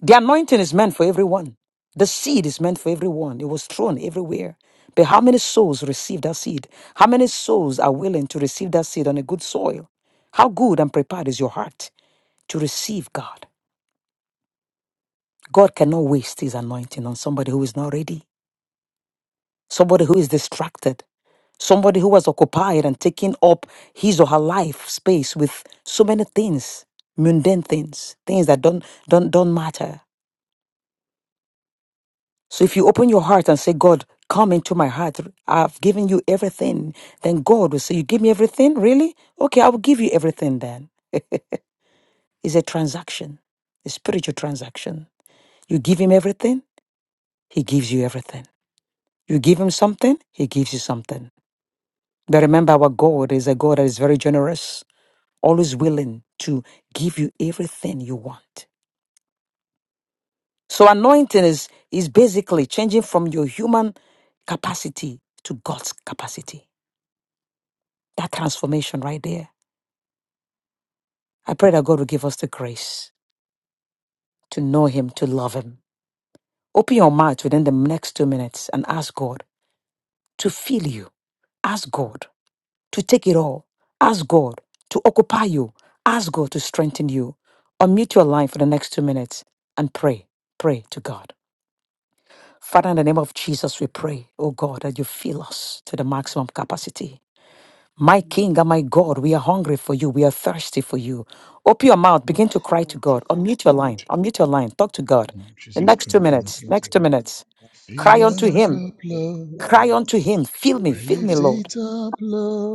B: The anointing is meant for everyone. The seed is meant for everyone. It was thrown everywhere. But how many souls receive that seed? How many souls are willing to receive that seed on a good soil? How good and prepared is your heart to receive God? God cannot waste his anointing on somebody who is not ready, somebody who is distracted, somebody who was occupied and taking up his or her life space with so many things, mundane things, things that don't don't don't matter. So if you open your heart and say, God, come into my heart, I've given you everything, then God will say, You give me everything? Really? Okay, I will give you everything then. It's a transaction, a spiritual transaction. You give him everything, he gives you everything. You give him something, he gives you something. But remember, our God is a God that is very generous, always willing to give you everything you want. So anointing is, is basically changing from your human capacity to God's capacity. That transformation right there. I pray that God will give us the grace to know Him, to love Him. Open your mouth within the next two minutes and ask God to fill you. Ask God to take it all. Ask God to occupy you. Ask God to strengthen you. Unmute your line for the next two minutes and pray. Pray to God. Father, in the name of Jesus, we pray, oh God, that you fill us to the maximum capacity. My King and my God, we are hungry for you. We are thirsty for you. Open your mouth.
I: Lord,
B: Begin to cry to
I: fill
B: God. Unmute your line. Unmute your line. Talk to God.
A: Mm,
B: The
A: Jesus
B: next two
A: Christ of
B: minutes.
A: Nazareth,
B: Next
A: O
B: two
A: God.
B: minutes.
A: Fill
B: Cry unto
A: my
B: Him.
A: cup, Lord.
B: Cry unto Him. Feel me.
A: I
B: Feel me,
A: lift
B: Lord.
A: it up,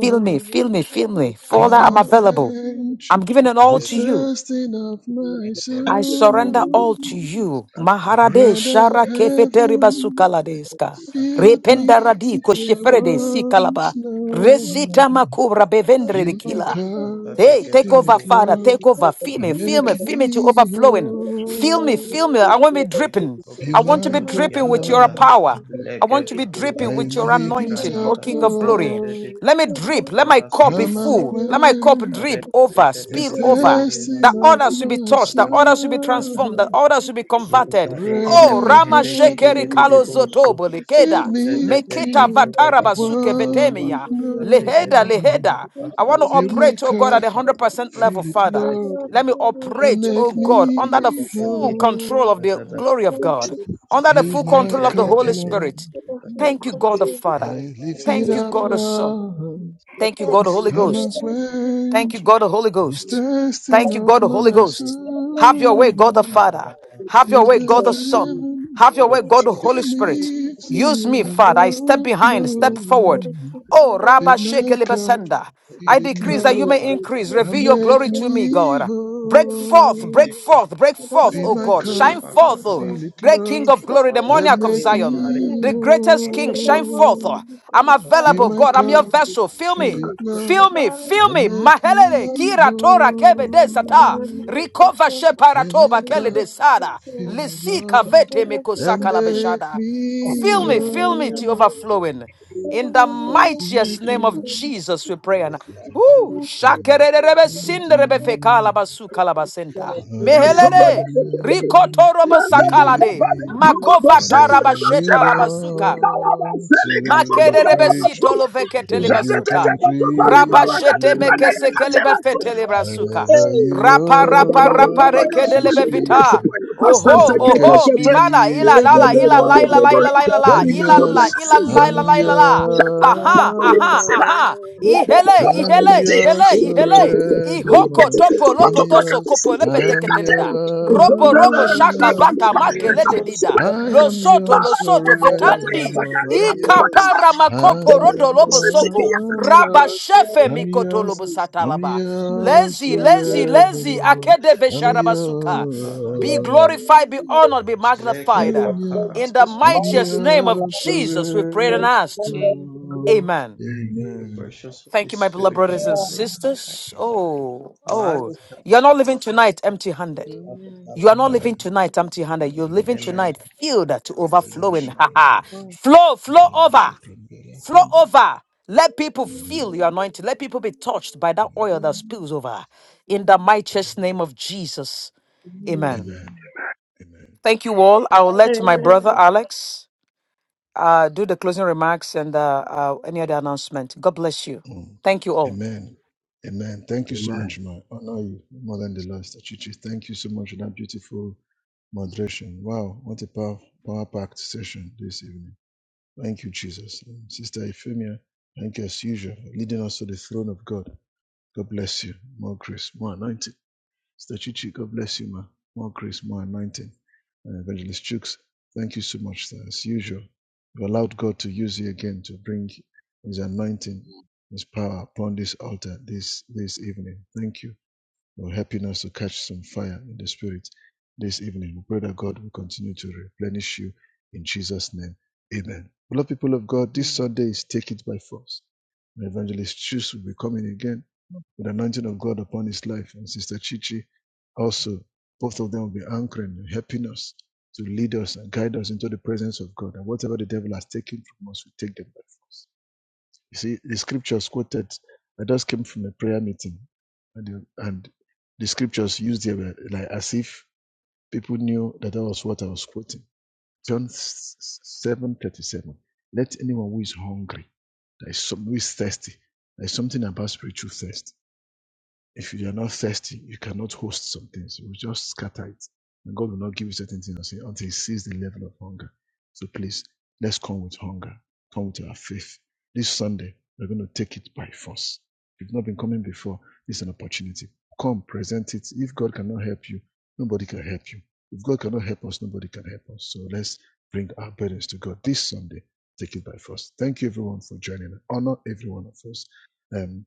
B: Feel me. Feel me.
J: It
B: Feel
J: boxes
B: me. Father,
A: Come
B: I'm
A: and
B: available.
J: in
A: quench
B: I'm giving it all
A: this
B: to
J: public
B: you.
A: thirsting of my
B: I
J: and
B: surrender
I: me
A: soul.
B: all to you. Maharade
A: Bread of
B: shara
J: exhibits in
B: kefeteri
J: the
A: heaven,
B: basukaladeska.
J: exhibition
A: filled me
B: Rependa radiko
A: till I
B: sheferede si
A: want
B: kalaba.
A: no
B: Resita
A: more.
B: makubra
J: of
K: Thank
B: bevendre de
A: Fill my
J: heritage
B: kila.
J: show.
A: cup,
B: Hey,
J: It
B: take
A: fill
B: over,
A: it,
B: Father.
A: Lord,
B: Take
J: is the
B: over. Fill me,
A: and
B: fill
J: first
A: make
B: me, fill me to
A: me
B: overflowing. Fill me,
A: whole.
B: fill me. I want me dripping.
A: Fill
B: I want to be
A: my cup,
J: exhibition in
B: dripping
J: the
B: with your
J: world
A: Lord,
B: power.
J: that
B: I want to be dripping
A: I
B: with your
J: exhibits
A: need
J: the
A: it
B: anointing, O
A: up,
B: King
J: cultural
B: of
J: and
B: Glory.
A: Lord.
B: Let me
J: historical features of the modern world. In
B: drip. Let my cup be
A: Come and
B: full. Let my cup
A: quench
B: drip over,
A: this
B: spill over
A: thirsting
B: that
A: of
B: others will be
A: my
B: touched, that others will be
A: soul.
B: transformed, that
K: you.
B: others will
J: this
B: be converted.
A: Bread
B: Oh,
J: section,
A: of
B: Rama
J: we will
B: Shekeri
J: be
B: Kalo
A: heaven,
B: Zotobo
A: fill
B: Likeda,
J: discussing
A: me
B: Meketa
A: till
B: Vatara
A: I
J: historical
B: Basuke
A: want
B: Vetemia,
A: no
B: Leheda
A: more.
B: Leheda. I
J: features of
B: want to
A: Fill my
B: operate, oh God, at
A: cup,
B: a
J: the
B: 100% level,
A: fill it,
B: Father.
J: I
A: Lord.
B: Let me
A: and
B: operate, oh
A: make
B: God, under the
A: me
B: full
A: whole.
B: control of the glory of God, under the
A: Fill
B: full
A: my
B: control of the
A: cup,
B: Holy
A: Lord.
B: Spirit. Thank you, God the Father.
A: I lift it
B: Thank you,
A: up,
B: God the Son.
A: Lord.
B: Thank you, God the Holy
A: Come and
B: Ghost. Thank you,
A: quench
B: God the Holy
A: this
B: Ghost.
A: thirsting
B: Thank you,
A: of
B: God the Holy
A: my
B: Ghost. Have your way,
A: soul.
B: God the Father. Have your
A: To
B: way,
A: the
B: God the Son.
A: heaven,
B: Have your way, God the Holy
A: fill
B: Spirit.
A: me
B: Use me,
A: till I
B: Father. I step
A: want
B: behind, step
A: no
B: forward.
A: more.
B: Oh, Rabba
A: Fill my cup,
B: Shekelibasanda. I
A: fill it,
L: and the
B: decrease that you
A: Lord,
B: may increase.
A: and
B: Reveal your
A: make
B: glory to me,
A: me
B: God. Break forth, break
A: whole.
B: forth, break
J: Thank
B: forth,
A: Fill
B: oh
A: my
B: God. Shine
A: cup,
B: forth, oh
A: fill it,
B: great King
A: Lord,
B: of glory, the
A: and
B: monarch of
A: make
K: Hey,
B: Zion,
K: Hare
A: me
B: the
K: Krishna,
B: greatest King. Shine forth.
A: whole.
B: oh. I'm
A: Fill
B: available,
A: my
B: God. I'm your
A: cup,
B: vessel. Fill
A: fill
B: me.
A: it, Lord,
B: Feel me, feel
A: and
B: me.
A: make
B: Mahelele,
A: me
B: kira tora
J: you.
B: kebe de sata.
A: whole.
B: Rikova
A: Fill
B: sheparatoba
A: my
B: kele de
A: cup,
B: sada.
A: fill me,
B: Lisika
A: Lord,
B: vete
A: and
B: mekosaka la
A: make
B: beshada.
A: me
B: Fill
K: Hey,
B: me, fill me
K: Maria
B: to
A: whole.
B: overflowing. In the
A: Fill my
B: mightiest name of
A: cup.
B: Jesus, we pray. And
K: Baptista,
B: whoo,
A: Amen.
B: shakerebe sinderebe fekala basu kalabasenta.
A: Lord, you
B: Mehelede,
A: can
B: rikotorobo
A: hit
B: sakalade.
A: me
B: Makova taraba
A: whenever you
B: sheta
A: want to preach.
B: Makerebesito loveketele
A: Lord, you
B: basuta.
A: can preach
B: Rabashete
A: through
B: mekesekele
A: me.
B: bafetele brasuka.
E: Hey.
A: Whenever you
B: Rapa rapa rapa
A: want to
B: rekedele
A: speak,
B: bevita.
E: Fast and
A: Lord,
B: Oho,
E: take
A: you
E: it,
A: can
B: oho,
E: take it, take it.
B: mivana,
A: speak
B: ila la
E: Lego,
B: la, ila
E: Lego, Lego,
B: la
A: through
B: ila la
E: Lego,
A: me.
B: ila la ila la,
A: I'm
E: very good,
B: ila
E: good,
B: la
E: good,
A: yours,
B: ila
E: ascend.
B: la ila
A: I'm
B: la ila
A: yours,
B: la.
E: Shatana,
B: Aha,
E: Patuli,
B: aha,
E: Siva.
B: aha.
E: La, ba, ba,
B: Ihele,
E: ba, ba,
A: I'm
E: ba,
B: ihele,
E: ba,
B: ihele,
A: yours
E: Lego, to,
B: ihele.
E: to, to. Le,
B: Ihoko
E: ke, te,
A: forevermore.
E: ko, to,
B: topo
E: pa,
A: I'm
E: to,
B: lopo
E: pra, ka,
B: toso
E: te,
A: yours,
E: se,
B: kopo
E: te, te,
B: lepete
E: ya,
A: I'm
E: ka, te.
B: ketelida. Robo
K: Oh,
E: Zonda, le,
B: robo
E: le, le,
B: shaka
K: Jesus,
E: ba, le,
A: yours,
B: vaka
E: ba,
A: I'm
E: le, ka,
B: makele
A: yours.
E: ta,
B: de
E: ba,
K: Reka
E: Top,
B: dida.
E: Siva.
A: I
B: Lo
A: am
K: Bakadada,
E: Ma,
B: soto lo
A: yours
E: la, la,
B: soto
E: la, sa, ta, ka,
B: vetandi.
E: ta, ka, le,
A: forevermore.
E: ka,
A: I'm
E: to, pa, ka,
A: yours,
E: pa.
B: Ikapara
E: Ma, te,
B: makopo
A: I'm
B: rodo lobo soko. Raba
A: yours,
B: shefe
A: I'm
B: mikoto
A: yours.
B: lobo
A: I'm
B: satalaba.
A: yours
B: Lazy, lazy, lazy.
A: forevermore.
B: Akede
A: I'm
B: vesharabasuka.
K: Leke bakada
B: Be
A: yours.
B: glorified, be honored, be
K: leke
B: magnified.
A: I'm
K: Bakara
A: yours.
B: In the
M: Amen.
A: I'm
K: Suta,
B: mightiest name of
A: yours
B: Jesus, we prayed and
A: forevermore.
B: asked. Amen.
K: the
A: Amen.
K: precious Holy
B: Thank you, my beloved
K: Spirit, Hey,
B: brothers and
K: Maria Kaba,
B: sisters. Oh, oh,
K: Maria Kaba,
B: you're not living tonight empty handed.
K: Kaba,
M: Amen.
B: You are not
K: Kaba,
B: living
A: Amen.
B: tonight empty handed. You're
A: Elan
B: living
K: Amen.
B: tonight
A: Shepran.
B: filled to
A: Kapelan
B: overflowing. Ha
A: Shepran
B: ha.
M: Amen.
A: Kubarush.
B: Flow, flow
A: Elan
B: over,
A: Shepran
B: flow
A: Belakumbi.
B: over. Let people
A: Amen.
B: feel your anointing. Let people be touched by that
A: Amen.
B: oil that spills over. In the mightiest name of Jesus. Amen.
N: Mhm.
A: Amen.
M: Amen.
A: Amen.
B: Thank you all. I will let my brother
J: Amen.
B: Alex uh, do the closing remarks and uh, uh, any other announcement. God bless you.
A: Mm.
B: Thank you all.
A: Amen. Amen. Thank you so
O: Amen.
A: much, Ma. Honor you more than the last. Achichi, thank you so much for that beautiful moderation. Wow, what a power, power packed session this evening. Thank you, Jesus. Mm. Sister Euphemia. thank you as usual for leading us to the throne of God. God bless you. More grace, more anointing. Sister Chichi, God bless you, ma. More grace, more anointing. Uh, Evangelist Chooks, thank you so much, sir. As usual, you've allowed God to use you again to bring His anointing, His power upon this altar this, this evening. Thank you for helping us to catch some fire in the Spirit this evening. We pray that God will continue to replenish you in Jesus' name. Amen. Beloved people of God, this Sunday is Take It By Force. Evangelist Chooks will be coming again with the anointing of God upon his life, and Sister Chichi also. Both of them will be anchoring and helping us to lead us and guide us into the presence of God. And whatever the devil has taken from us, we take them by force. You see, the scriptures quoted, I just came from a prayer meeting, and the, and the scriptures used there were like as if people knew that that was what I was quoting. John seven thirty seven. Let anyone who is hungry, that is who is thirsty, there is something about spiritual thirst if you are not thirsty, you cannot host some things. You will just scatter it. And God will not give you certain things until He sees the level of hunger. So please, let's come with hunger. Come with our faith. This Sunday, we're going to take it by force. If you've not been coming before, this is an opportunity. Come, present it. If God cannot help you, nobody can help you. If God cannot help us, nobody can help us. So let's bring our burdens to God this Sunday. Take it by force. Thank you, everyone, for joining. Honor every one of us. Um,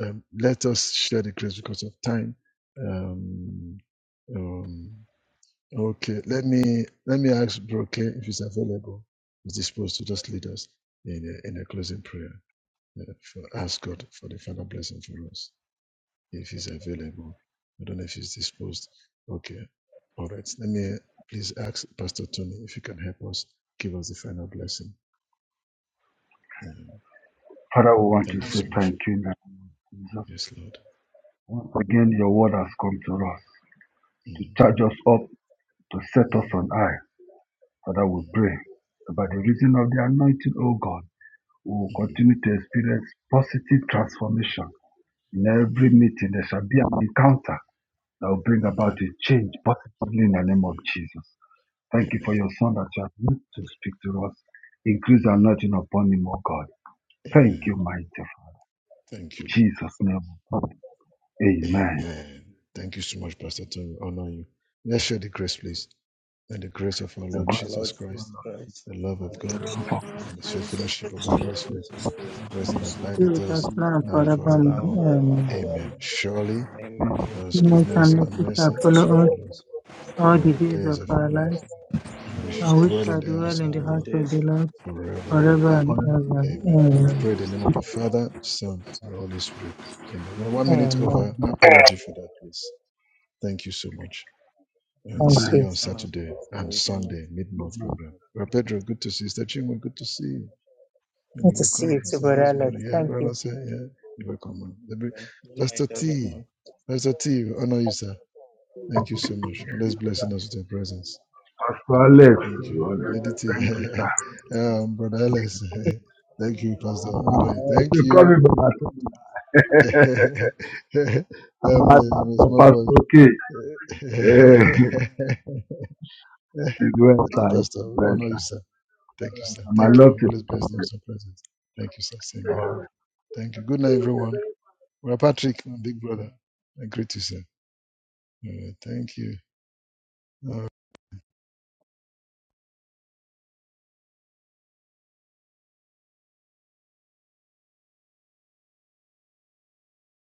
A: um, let us share the grace because of time. Um, um, okay, let me let me ask Broke if he's available. He's disposed to just lead us in a, in a closing prayer. Uh, for, ask God for the final blessing for us if he's available. I don't know if he's disposed. Okay, all right. Let me please ask Pastor Tony if he can help us give us the final blessing. Um,
O: Father, we want to
A: thank you
O: say
A: so much.
O: thank you in the name of Jesus.
A: Yes, Lord.
O: Once again, your word has come to us to
A: Mm,
O: charge us up, to set us
A: mm,
O: on high. Father, we
A: mm,
O: pray that by the reason of the anointing, O God, we will
A: mm.
O: continue to experience positive transformation. In every
A: Amen.
O: meeting, there shall be an encounter that will bring about a
A: Amen.
O: change positively in the name of Jesus. Thank you for
A: Amen.
O: your son that you have used to speak to us. Increase the
A: Mm.
O: anointing upon him, O God. Thank you,
A: Amen.
O: mighty Father.
A: Thank
O: In
A: you, Lord.
O: Jesus' name. Amen.
A: Amen. Thank you so much, Pastor Tony. We Honor you. Let's share the grace, please. And the grace of our
O: The
A: Lord
O: glory
K: Our Lord
A: Jesus
K: Jesus
A: Christ,
K: Christ.
A: the love of God,
O: of
A: and the sweet fellowship of the Holy Spirit rest and abide with
L: Spirit as
A: us
L: now and
K: Father,
A: now and
K: It's now
A: forevermore.
L: forevermore. Amen.
K: forevermore.
A: Amen. Surely,
K: Amen.
O: God
A: God's
L: Goodness
A: goodness
L: and
A: and
L: mercy shall
A: mercy shall
L: follow us
A: follow us
L: all
A: all
L: the
A: the
L: days
A: days
L: of
A: of our
L: our
A: lives,
L: lives,
A: and we shall
L: and
K: Goodness
L: we
K: and
A: dwell
P: information
A: in
K: mercy
L: shall
A: the
K: for
L: dwell
A: house
L: in
A: of the
L: the
K: all the
A: Lord.
L: house of the
K: days
L: Lord
A: forever and
L: forever and
A: ever.
O: forever.
L: ever.
K: of
A: Amen.
K: our life,
A: We've
L: Amen.
A: prayed in the name of the
K: and the
A: Father,
K: Lord,
A: Son,
K: the
A: and
K: Son,
A: the Holy Spirit. Amen. We're one minute over.
L: Amen.
A: Apology for that, please. Thank you so much. And
L: Thank
A: see
O: Amen.
K: and
A: you
K: the
L: you.
A: on
K: Son of
A: Saturday
K: the
A: and
K: Eternal.
A: Sunday, mid month program. Well, Pedro, good to see you. Sister Chinwe, good to see you. And
L: Good
A: you
L: to see you
A: welcome.
L: too,
A: Mr.
L: Brother Alex.
A: Rosemary, yeah,
L: Thank you.
A: brother, sir, yeah. You're welcome,
K: Good night,
A: Pastor T,
K: everyone.
A: Pastor T, honor you, sir. Thank you so much. Always blessing us with your presence.
O: Pastor Alex,
A: Thank you, Lady T.
O: thank you, sir.
A: um, Brother Ellis. Thank you, Pastor
O: Ah,
A: Adoy. Thank
O: you call
A: you.
O: me Baba
A: I'm,
O: I'm
A: a,
O: my
A: I'm a
O: pastor,
A: small boy.
O: Pastor K. Eh,
A: Thank
O: She's well,
A: you,
O: sir.
A: Pastor.
O: She's well,
A: Honor you, sir. Thank you,
O: sir.
A: sir.
O: I'm a
A: Thank you. Always his blessings and presence. Thank you, sir. Same here. Thank you. Good night, everyone. Brother Patrick, my big brother. I greet you, sir. Uh, thank you. Uh,